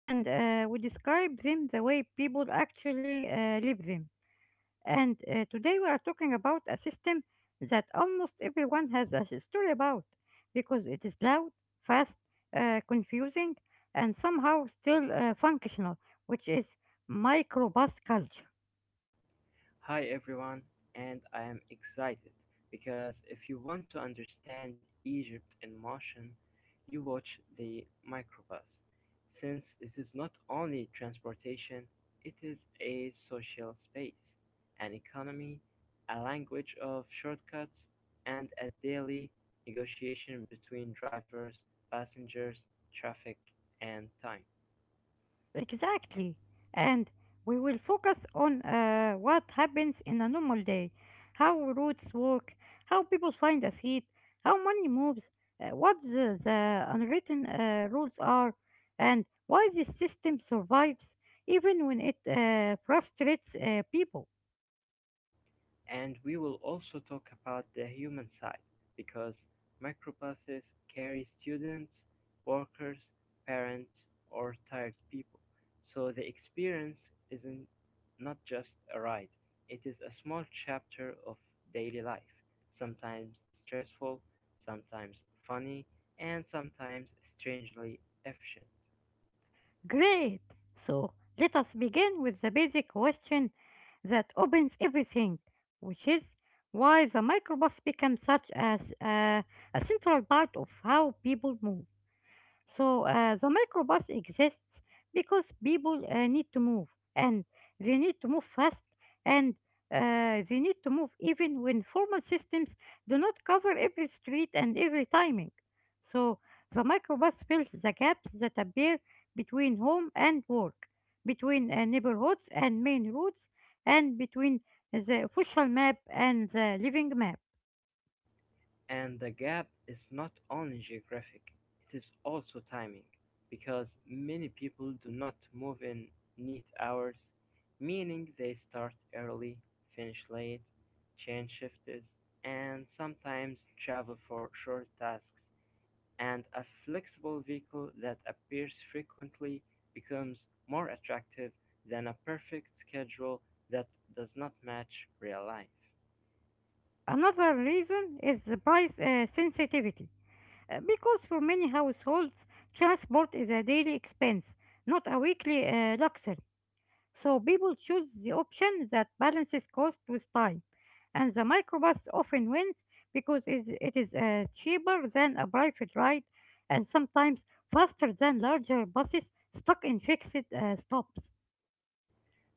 and we describe them the way people actually live them. And Today we are talking about a system that almost everyone has a story about because it is loud, fast, confusing, and somehow still functional, which is microbus culture. Hi everyone, and I am excited because if you want to understand Egypt in motion, you watch the microbus, since it is not only transportation, it is a social space, an economy, a language of shortcuts, and a daily negotiation between drivers, passengers, traffic, and time. Exactly. And we will focus on what happens in a normal day, how routes work, how people find a seat, how money moves, what the unwritten rules are, and why this system survives even when it frustrates people. And we will also talk about the human side because microbuses carry students, workers, parents, or tired people. So the experience isn't not just a ride, it is a small chapter of daily life, sometimes stressful, sometimes funny, and sometimes strangely efficient. Great! So let us begin with the basic question that opens everything, which is why the microbus became such as a central part of how people move. So the microbus exists because people need to move, and they need to move fast, and they need to move even when formal systems do not cover every street and every timing. So the microbus fills the gaps that appear between home and work, between neighborhoods and main roads, and between the official map and the living map. And the gap is not only geographic, it is also timing, because many people do not move in neat hours, meaning they start early, finish late, change shifts, and sometimes travel for short tasks. And a flexible vehicle that appears frequently becomes more attractive than a perfect schedule that does not match real life. Another reason is the price sensitivity. Because for many households, transport is a daily expense, not a weekly luxury. So people choose the option that balances cost with time. And the microbus often wins because it is cheaper than a private ride and sometimes faster than larger buses stuck in fixed stops.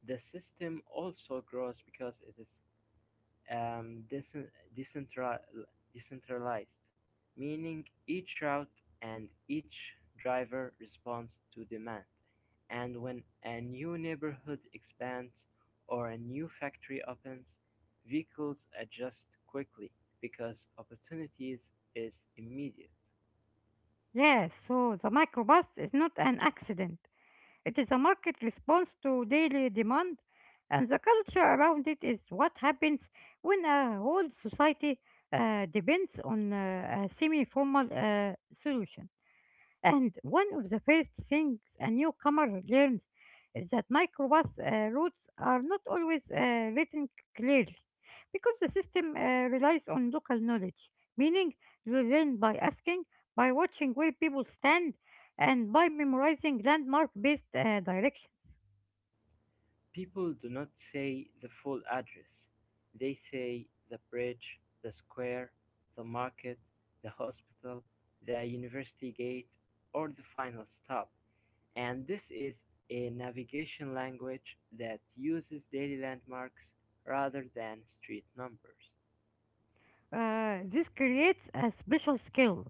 The system also grows because it is um, decen- decentral- decentralized, meaning each route and each driver responds to demand. And when a new neighborhood expands or a new factory opens, vehicles adjust quickly because opportunities is immediate. Yeah, so the microbus is not an accident. It is a market response to daily demand, and the culture around it is what happens when a whole society depends on a semi formal solution. And one of the first things a newcomer learns is that microbus routes are not always written clearly because the system relies on local knowledge, meaning you learn by asking, by watching where people stand, and by memorizing landmark based directions. People do not say the full address, they say the bridge, the square, the market, the hospital, the university gate, or the final stop, and this is a navigation language that uses daily landmarks rather than street numbers. This creates a special skill,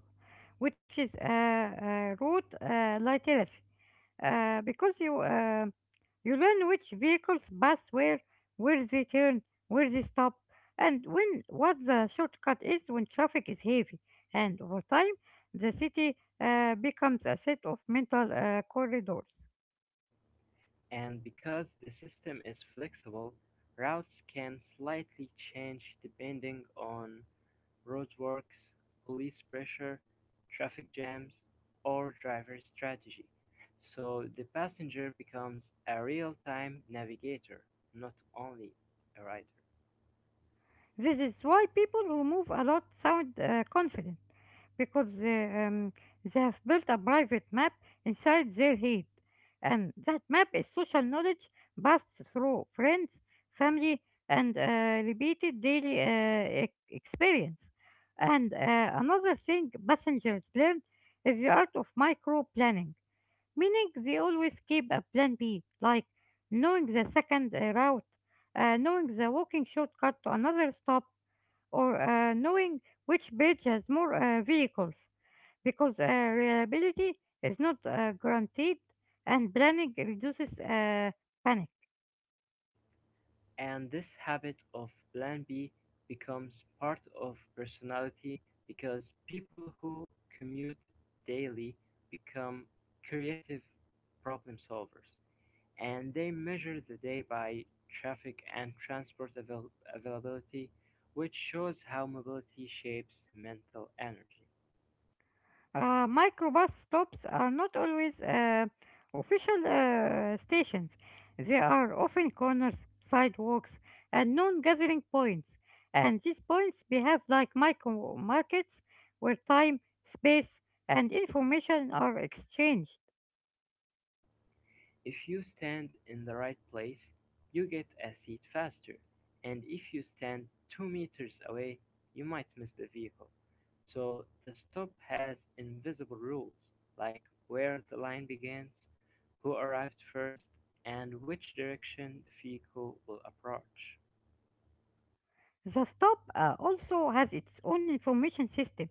which is a route literacy, because you learn which vehicles pass where they turn, where they stop, and when what the shortcut is when traffic is heavy. And over time, the city becomes a set of mental corridors. And because the system is flexible, routes can slightly change depending on roadworks, police pressure, traffic jams, or driver strategy, so the passenger becomes a real-time navigator, not only a rider. This is why people who move a lot sound confident because they they have built a private map inside their head. And that map is social knowledge passed through friends, family, and repeated daily experience. And another thing passengers learn is the art of micro planning, meaning they always keep a plan B, like knowing the second route, knowing the walking shortcut to another stop, or knowing which bridge has more vehicles, because reliability is not guaranteed, and planning reduces panic. And this habit of Plan B becomes part of personality because people who commute daily become creative problem solvers. And they measure the day by traffic and availability, which shows how mobility shapes mental energy. Microbus stops are not always official stations. They are often corners, sidewalks, and known gathering points. And these points behave like micro markets where time, space, and information are exchanged. If you stand in the right place, you get a seat faster, and if you stand 2 meters away, you might miss the vehicle. So the stop has invisible rules, like where the line begins, who arrived first, and which direction the vehicle will approach. The stop also has its own information system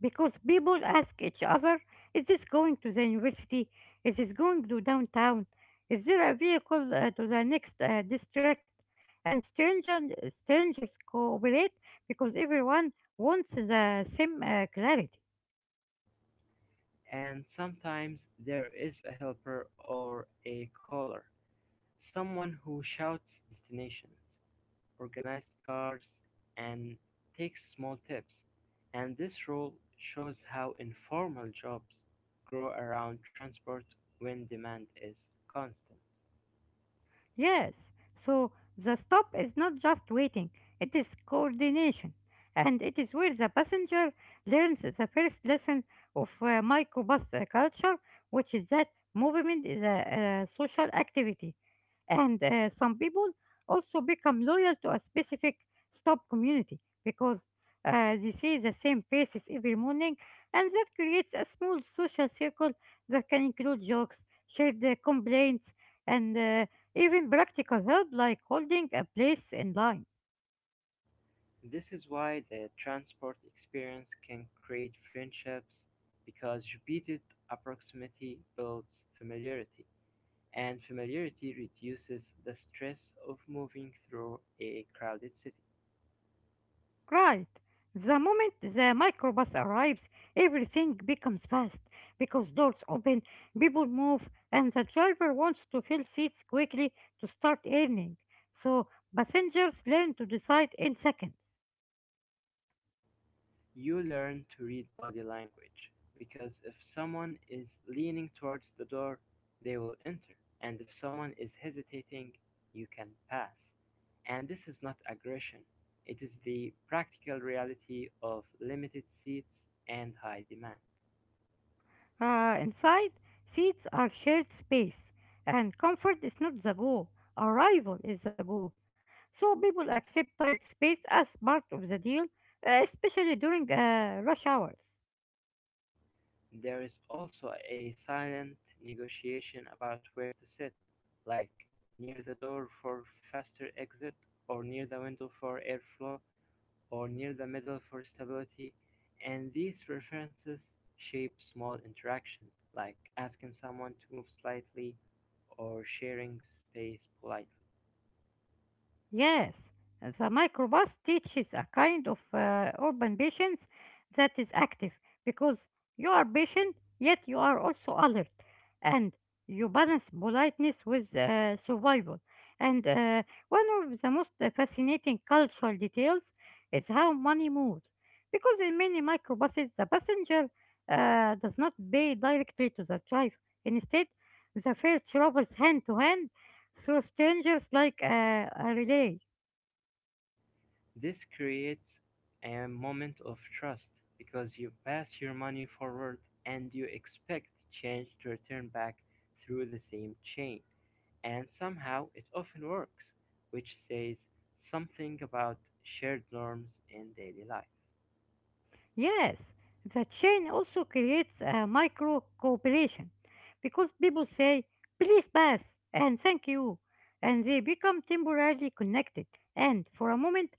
because people ask each other, is this going to the university? Is this going to downtown? Is there a vehicle to the next district? And strangers cooperate because everyone wants the same clarity. And sometimes there is a helper or a caller, someone who shouts destinations, organized cars, and takes small tips. And this role shows how informal jobs grow around transport when demand is constant. Yes, so the stop is not just waiting, it is coordination. And it is where the passenger learns the first lesson of microbus culture, which is that movement is a social activity. And some people also become loyal to a specific stop community because they see the same faces every morning, and that creates a small social circle that can include jokes, shared complaints, and even practical help like holding a place in line. This is why the transport experience can create friendships because repeated proximity builds familiarity, and familiarity reduces the stress of moving through a crowded city. Right. The moment the microbus arrives, everything becomes fast because doors open, people move, and the driver wants to fill seats quickly to start earning. So passengers learn to decide in seconds. You learn to read body language because if someone is leaning towards the door, they will enter, and if someone is hesitating, you can pass. And this is not aggression, it is the practical reality of limited seats and high demand. Inside, seats are shared space, and comfort is not the goal, arrival is the goal. So people accept tight space as part of the deal, especially during rush hours. There is also a silent negotiation about where to sit, like near the door for faster exit, or near the window for airflow, or near the middle for stability, and these references shape small interactions, like asking someone to move slightly or sharing space politely. Yes, the microbus teaches a kind of urban patience that is active because you are patient yet you are also alert, and you balance politeness with survival. And one of the most fascinating cultural details is how money moves because in many microbuses the passenger does not pay directly to the driver. Instead, the fare travels hand to hand through strangers like a relay. This creates a moment of trust because you pass your money forward and you expect change to return back through the same chain. And somehow it often works, which says something about shared norms in daily life. Yes, the chain also creates a micro cooperation because people say, please pass and thank you, and they become temporarily connected. And for a moment,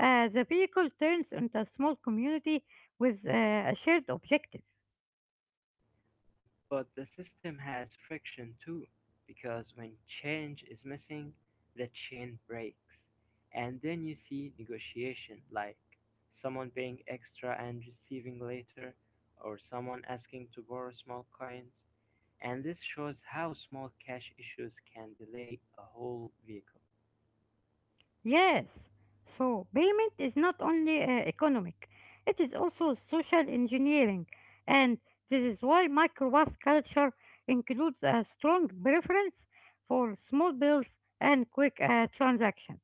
the vehicle turns into a small community with a shared objective. But the system has friction too, because when change is missing, the chain breaks. And then you see negotiation, like someone paying extra and receiving later, or someone asking to borrow small coins. And this shows how small cash issues can delay a whole vehicle. Yes. So payment is not only economic, it is also social engineering. And this is why microwatt culture includes a strong preference for small bills and quick transactions.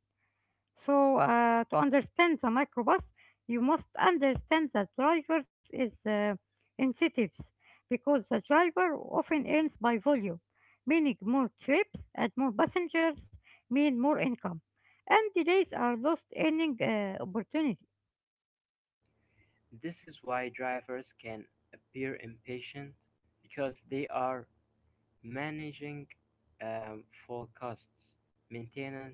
So, to understand the microbus, you must understand the driver's incentives, because the driver often earns by volume, meaning more trips and more passengers mean more income, and delays are lost earning opportunities. This is why drivers can appear impatient, because they are managing full costs, maintenance,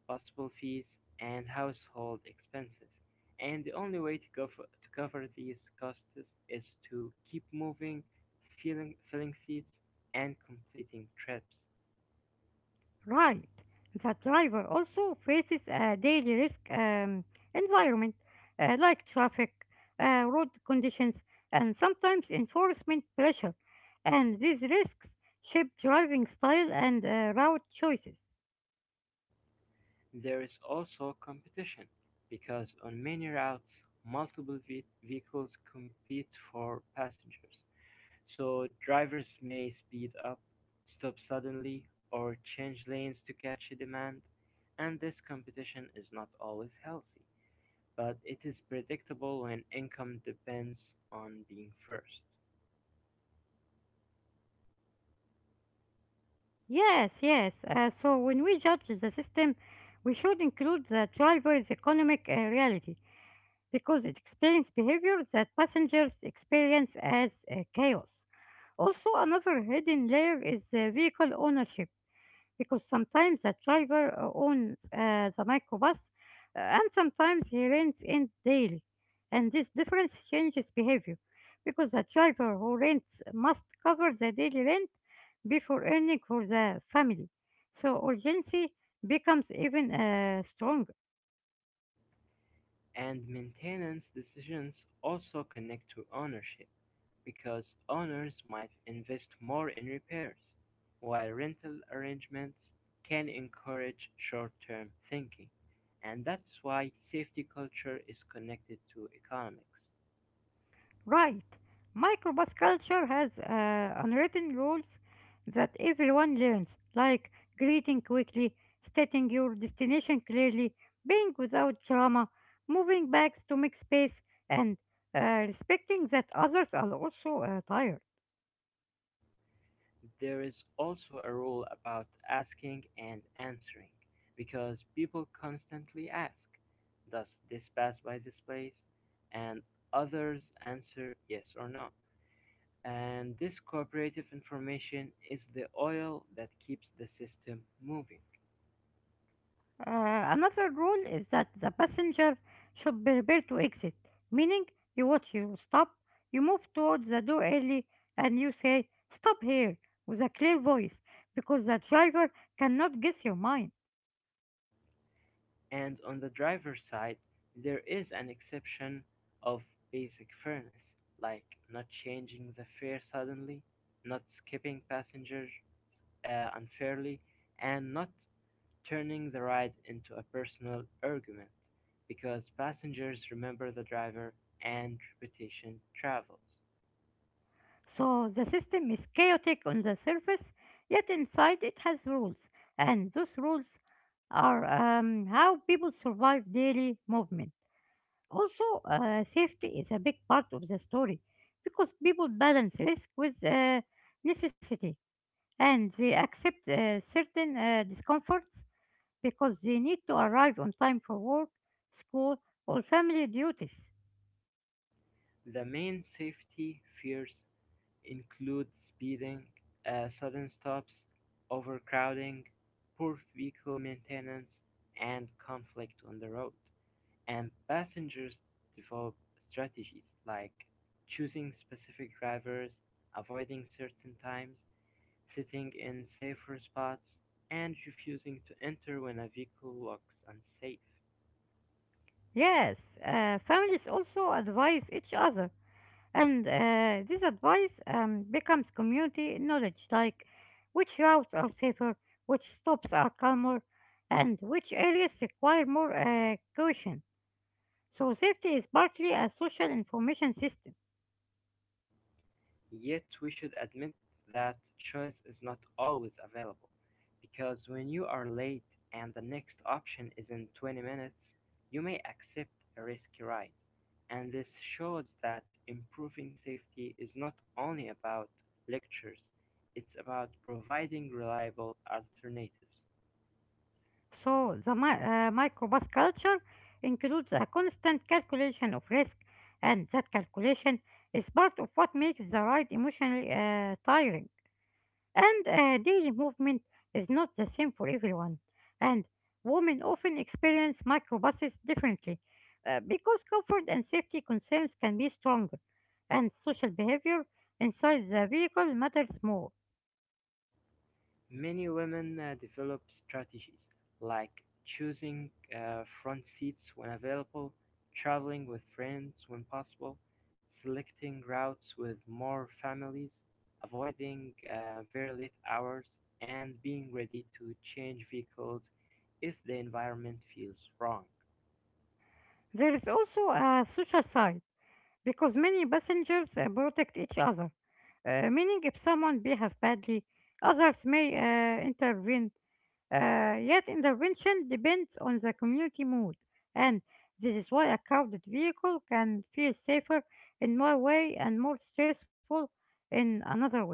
possible fees, and household expenses, and the only way to cover these costs is to keep moving, filling seats, and completing trips. Right. The driver also faces a daily risk environment like traffic, road conditions, and sometimes enforcement pressure. And these risks shape driving style and route choices. There is also competition because on many routes, vehicles compete for passengers, so drivers may speed up, stop suddenly, or change lanes to catch a demand, and this competition is not always healthy. But it is predictable when income depends on being first. Yes, yes. So when we judge the system, we should include the driver's economic reality, because it explains behavior that passengers experience as chaos. Also, another hidden layer is vehicle ownership, because sometimes the driver owns the microbus, and sometimes he rents it daily. And this difference changes behavior, because the driver who rents must cover the daily rent before earning for the family. So, urgency becomes even stronger. And maintenance decisions also connect to ownership, because owners might invest more in repairs, while rental arrangements can encourage short term thinking. And that's why safety culture is connected to economics. Right. Microbus culture has unwritten rules that everyone learns, like greeting quickly, stating your destination clearly, being without drama, moving bags to make space, and respecting that others are also tired. There is also a rule about asking and answering, because people constantly ask, does this pass by this place? And others answer yes or no. And this cooperative information is the oil that keeps the system moving. Another rule is that the passenger should prepare to exit, meaning you watch your stop, you move towards the door early, and you say, stop here, with a clear voice, because the driver cannot guess your mind. And on the driver's side, there is an exception of basic fairness, like not changing the fare suddenly, not skipping passengers unfairly, and not turning the ride into a personal argument because passengers remember the driver and reputation travels. So the system is chaotic on the surface, yet inside it has rules, and those rules are how people survive daily movement. Also, safety is a big part of the story because people balance risk with necessity, and they accept certain discomforts because they need to arrive on time for work, school, or family duties. The main safety fears include speeding, sudden stops, overcrowding, poor vehicle maintenance, and conflict on the road. And passengers develop strategies like choosing specific drivers, avoiding certain times, sitting in safer spots, and refusing to enter when a vehicle looks unsafe. Yes, families also advise each other, and this advice becomes community knowledge like which routes are safer, which stops are calmer, and which areas require more caution. So, safety is partly a social information system. Yet we should admit that choice is not always available, because when you are late and the next option is in 20 minutes, you may accept a risky ride. And this shows that improving safety is not only about lectures, it's about providing reliable alternatives. So, the microbus culture includes a constant calculation of risk, and that calculation is part of what makes the ride emotionally tiring. And daily movement is not the same for everyone. And women often experience microbuses differently because comfort and safety concerns can be stronger, and social behavior inside the vehicle matters more. Many women develop strategies like choosing front seats when available, traveling with friends when possible, selecting routes with more families, avoiding very late hours, and being ready to change vehicles if the environment feels wrong. There is also a social side because many passengers protect each other, meaning if someone behaves badly, others may intervene. Yet intervention depends on the community mood, and this is why a crowded vehicle can feel safer in one way and more stressful in another way.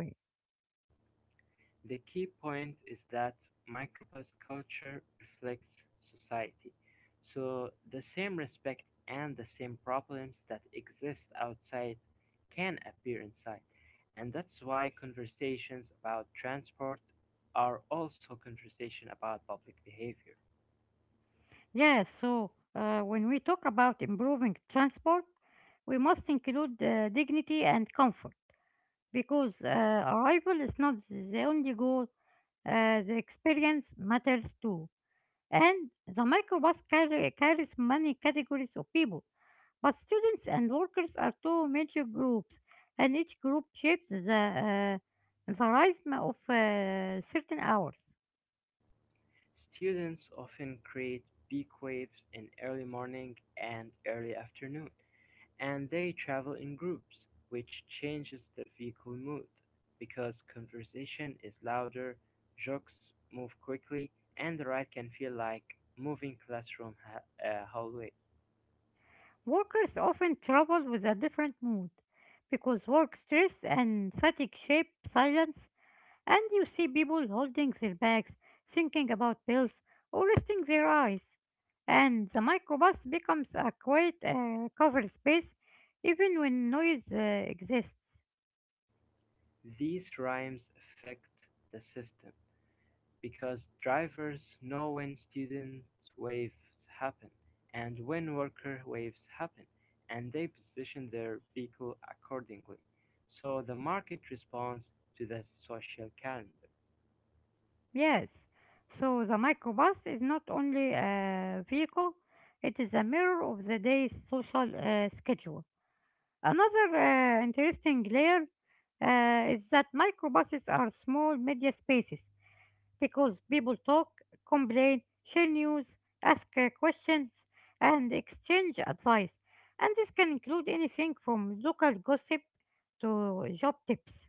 The key point is that Micropa's culture reflects society, so the same respect and the same problems that exist outside can appear inside. And that's why conversations about transport are also conversations about public behavior. Yes, so when we talk about improving transport, we must include dignity and comfort because arrival is not the only goal, the experience matters too. And the carries many categories of people. But students and workers are two major groups, and each group shapes the rhythm of certain hours. Students often create peak waves in early morning and early afternoon. And they travel in groups, which changes the vehicle mood, because conversation is louder, jokes move quickly, and the ride can feel like moving hallway. Workers often travel with a different mood because work stress and fatigue shape silence. And you see people holding their bags, thinking about bills, or resting their eyes. And the microbus becomes a quiet covered space even when noise exists. These rhymes affect the system because drivers know when student waves happen and when worker waves happen, and they position their vehicle accordingly. So the market responds to the social calendar. Yes, so the microbus is not only a vehicle, it is a mirror of the day's social schedule. Another interesting layer is that microbuses are small media spaces because people talk, complain, share news, ask questions, and exchange advice. And this can include anything from local gossip to job tips.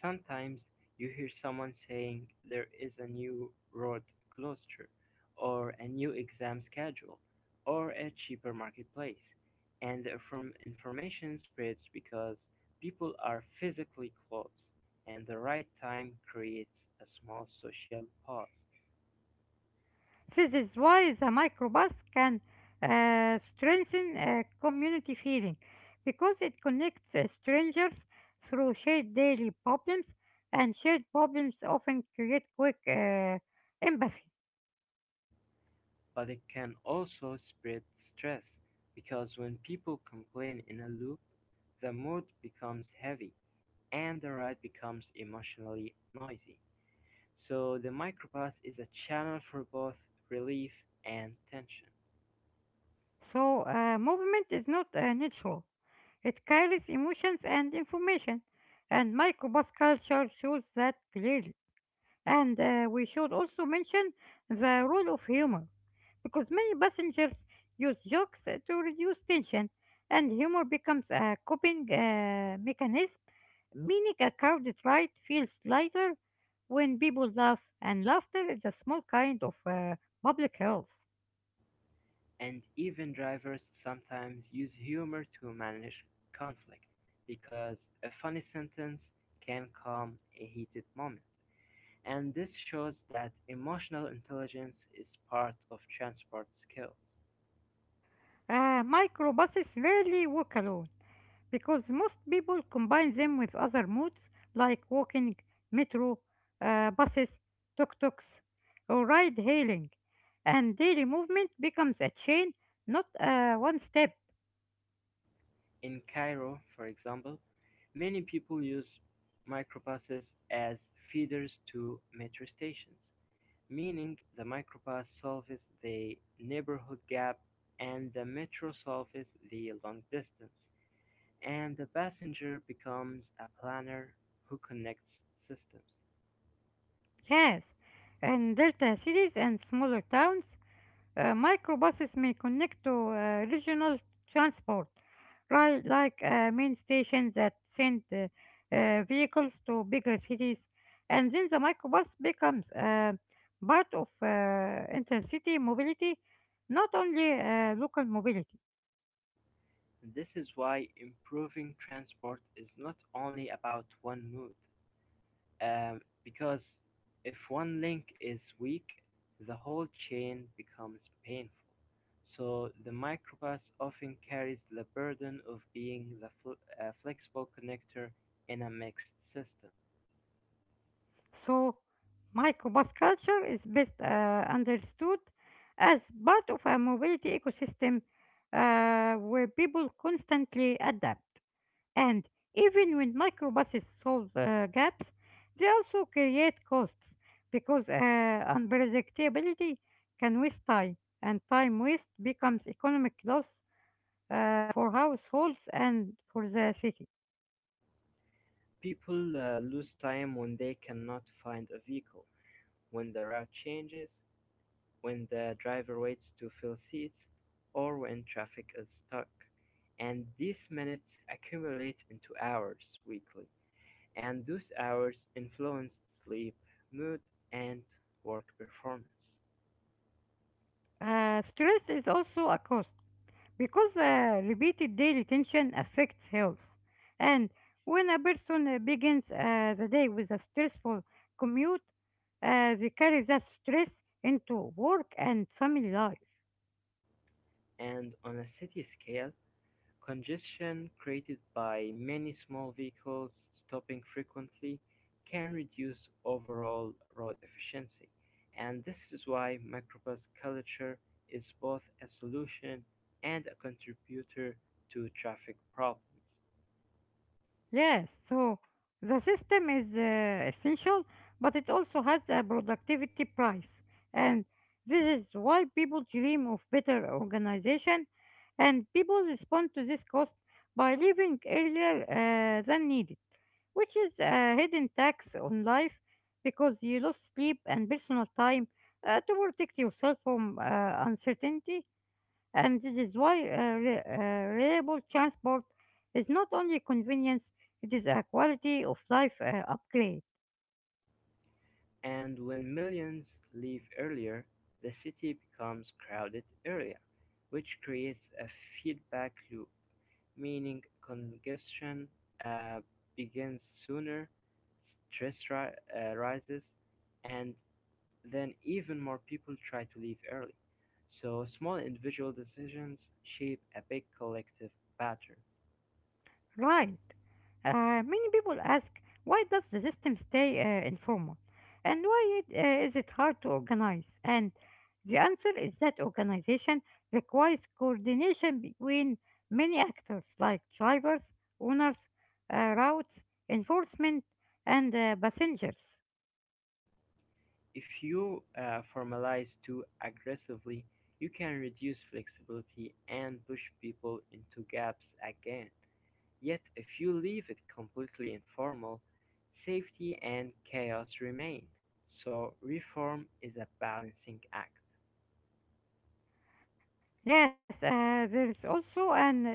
Sometimes you hear someone saying there is a new road closure, or a new exam schedule, or a cheaper marketplace, and from information spreads because people are physically close, and the right time creates a small social pause. This is why the microbus can strengthen community feeling because it connects strangers through shared daily problems, and shared problems often create quick empathy. But it can also spread stress because when people complain in a loop, the mood becomes heavy and the ride becomes emotionally noisy. So the microbus is a channel for both relief and tension, So, movement is not natural. It carries emotions and information, and microbus culture shows that clearly. And We should also mention the role of humor, because many passengers use jokes to reduce tension, and humor becomes a coping mechanism, meaning a crowded ride feels lighter when people laugh, and laughter is a small kind of public health. and even drivers sometimes use humor to manage conflict because a funny sentence can calm a heated moment. And this shows that emotional intelligence is part of transport skills. Microbuses rarely work alone because most people combine them with other modes like walking, metro, buses, tuk-tuks, or ride hailing, and daily movement becomes a chain, not a one-step. In Cairo, for example, many people use microbuses as feeders to metro stations, meaning the microbus solves the neighborhood gap and the metro solves the long distance, and the passenger becomes a planner who connects systems. Yes. And delta cities and smaller towns. Microbuses may connect to regional transport, right, like main stations that send vehicles to bigger cities, and then the microbus becomes part of intercity mobility, not only local mobility. This is why improving transport is not only about one mode, because if one link is weak, the whole chain becomes painful. So the microbus often carries the burden of being the flexible connector in a mixed system. So, microbus culture is best understood as part of a mobility ecosystem where people constantly adapt. And even when microbuses solve gaps, they also create costs because unpredictability can waste time, and time waste becomes economic loss for households and for the city. People lose time when they cannot find a vehicle, when the route changes, when the driver waits to fill seats, or when traffic is stuck. And these minutes accumulate into hours weekly, and those hours influence sleep, mood, and work performance. Stress is also a cost because repeated daily tension affects health. And when a person begins the day with a stressful commute, they carry that stress into work and family life. And on a city scale, congestion created by many small vehicles stopping frequently can reduce overall road efficiency. And this is why microbus culture is both a solution and a contributor to traffic problems. Yes, so the system is essential, but it also has a productivity price. And this is why people dream of better organization, and people respond to this cost by leaving earlier than needed, which is a hidden tax on life because you lose sleep and personal time to protect yourself from uncertainty, and this is why reliable transport is not only convenience, it is a quality of life upgrade. And when millions leave earlier, the city becomes crowded area, which creates a feedback loop, meaning congestion uh, begins sooner, stress ri- rises, and then even more people try to leave early. So small individual decisions shape a big collective pattern. Right. Many people ask, why does the system stay informal, and why is it hard to organize? And the answer is that organization requires coordination between many actors like drivers, owners, routes, enforcement, and passengers. If you formalize too aggressively, you can reduce flexibility and push people into gaps again. Yet, if you leave it completely informal, safety and chaos remain. So, reform is a balancing act. Yes, there is also an economic fear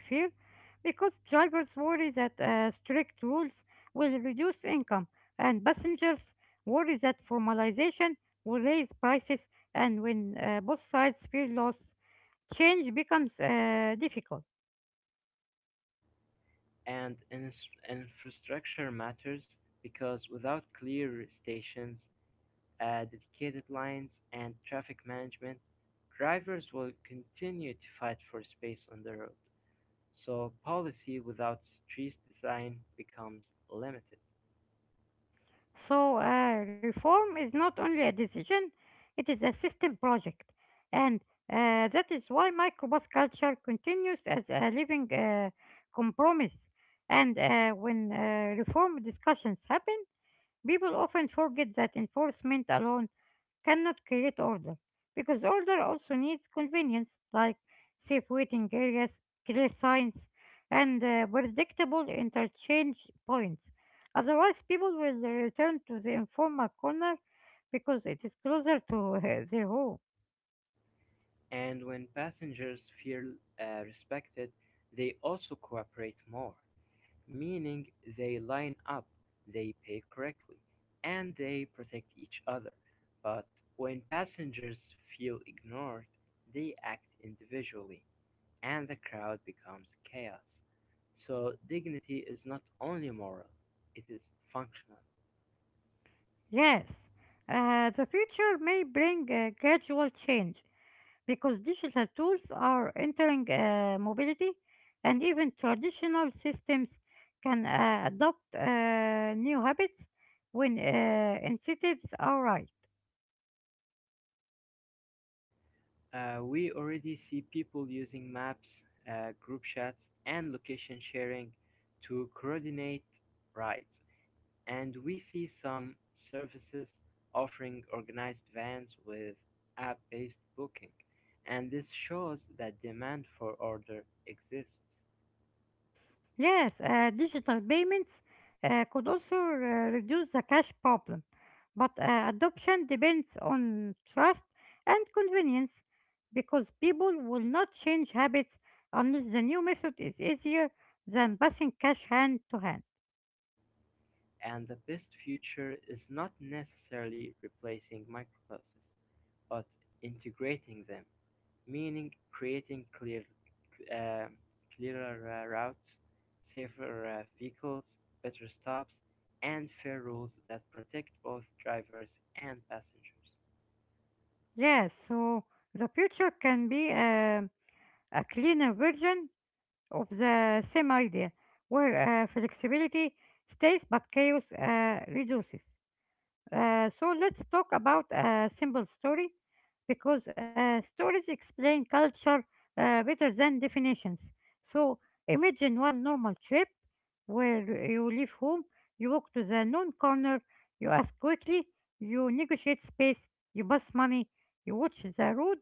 because drivers worry that strict rules will reduce income, and passengers worry that formalization will raise prices, and when both sides fear loss, change becomes difficult. And infrastructure matters because without clear stations, dedicated lines, and traffic management, drivers will continue to fight for space on the road. So policy without street design becomes limited. So, reform is not only a decision, it is a system project. And that is why microbus culture continues as a living compromise. And when reform discussions happen, people often forget that enforcement alone cannot create order because order also needs convenience like safe waiting areas, clear signs, and predictable interchange points. Otherwise, people will return to the informal corner because it is closer to their home. And when passengers feel respected, they also cooperate more, meaning they line up, they pay correctly, and they protect each other. But when passengers feel ignored, they act individually, and the crowd becomes chaos. So dignity is not only moral, it is functional. Yes, the future may bring a gradual change, because digital tools are entering mobility, and even traditional systems can adopt new habits when incentives are right. We already see people using maps, group chats, and location sharing to coordinate rides. And we see some services offering organized vans with app based booking. And this shows that demand for order exists. Yes, digital payments could also reduce the cash problem, but adoption depends on trust and convenience because people will not change habits unless the new method is easier than passing cash hand to hand. And the best future is not necessarily replacing microclasses, but integrating them, meaning creating uh, clearer routes, safer vehicles, better stops, and fair rules that protect both drivers and passengers. Yes, so the future can be a cleaner version of the same idea, where flexibility stays but chaos reduces. So, let's talk about a simple story because stories explain culture better than definitions. So imagine one normal trip where you leave home, you walk to the known corner, you ask quickly, you negotiate space, you pass money, you watch the road,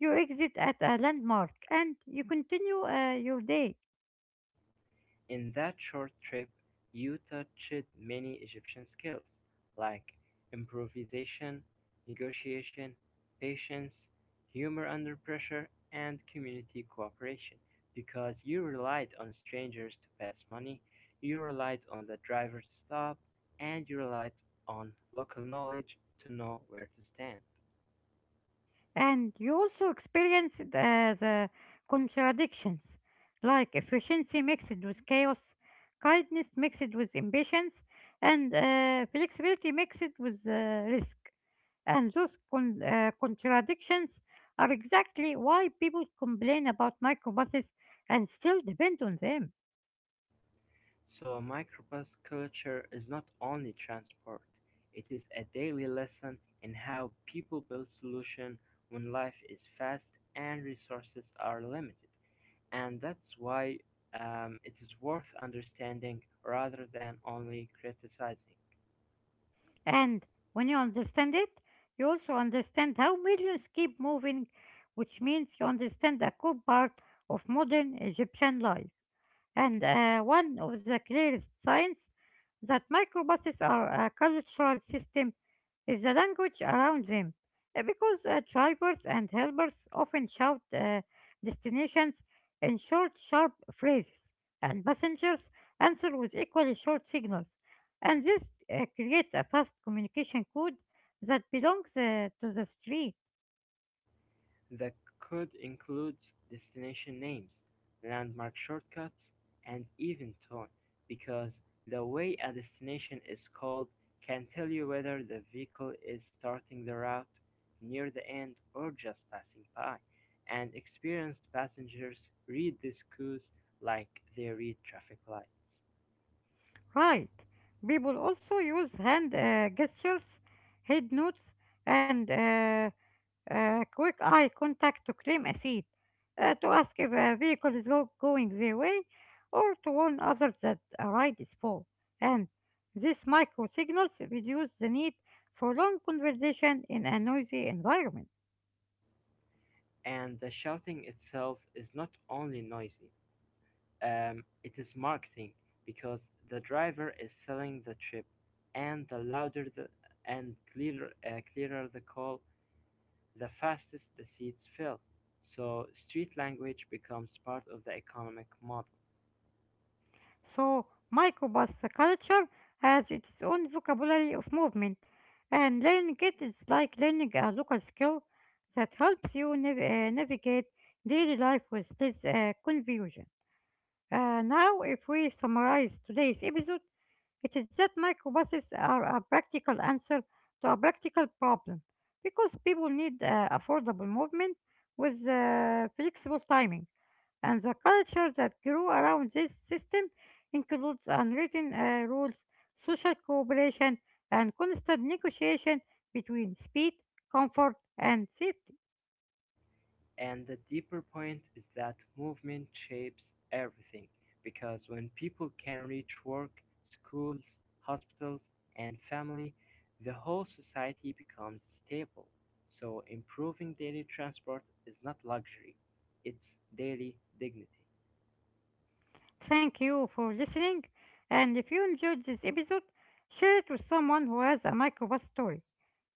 you exit at a landmark, and you continue your day. In that short trip you touched many Egyptian skills like improvisation, negotiation, patience, humor under pressure, and community cooperation, because you relied on strangers to pass money, you relied on the driver to stop, and you relied on local knowledge to know where to stand. And you also experienced the contradictions, like efficiency mixed with chaos, kindness mixed with impatience, and flexibility mixed with risk. And those contradictions are exactly why people complain about microbuses and still depend on them. So microbus culture is not only transport, it is a daily lesson in how people build solutions when life is fast and resources are limited. And that's why it is worth understanding rather than only criticizing. And when you understand it, you also understand how millions keep moving, which means you understand a core part of modern Egyptian life. And one of the clearest signs that microbuses are a cultural system is the language around them. Because drivers and helpers often shout destinations in short, sharp phrases, and passengers answer with equally short signals. And this creates a fast communication code that belongs to the street. The code includes destination names, landmark shortcuts, and even tone, because the way a destination is called can tell you whether the vehicle is starting the route, near the end, or just passing by. And experienced passengers read these cues like they read traffic lights. Right. People also use hand gestures, head nods, and quick eye contact to claim a seat, to ask if a vehicle is going their way, or to warn others that a ride is full. And these micro signals reduce the need for long conversation in a noisy environment. And the shouting itself is not only noisy, it is marketing because the driver is selling the trip, and the louder the and clearer clearer the call, the fastest the seats fill. So street language becomes part of the economic model. So, microbus culture has its own vocabulary of movement, and learning it is like learning a local skill that helps you navigate daily life with less confusion. Now, if we summarize today's episode, it is that microbuses are a practical answer to a practical problem because people need affordable movement with flexible timing. And the culture that grew around this system includes unwritten rules, social cooperation, and constant negotiation between speed, comfort, and safety. And the deeper point is that movement shapes everything, because when people can reach work, schools, hospitals, and family, the whole society becomes stable. So improving daily transport is not luxury, it's daily dignity. Thank you for listening, and if you enjoyed this episode, share it with someone who has a microbus story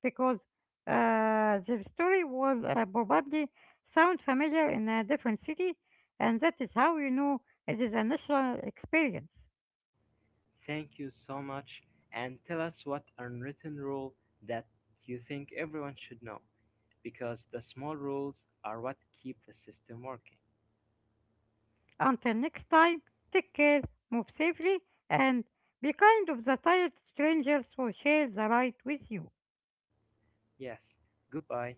because their story will probably sound familiar in a different city, and that is how you know it is a national experience. Thank you so much, and tell us what unwritten rule that you think everyone should know, because the small rules are what keep the system working. Until next time, take care, move safely, and be kind of the tired strangers who share the ride with you. Yes, goodbye.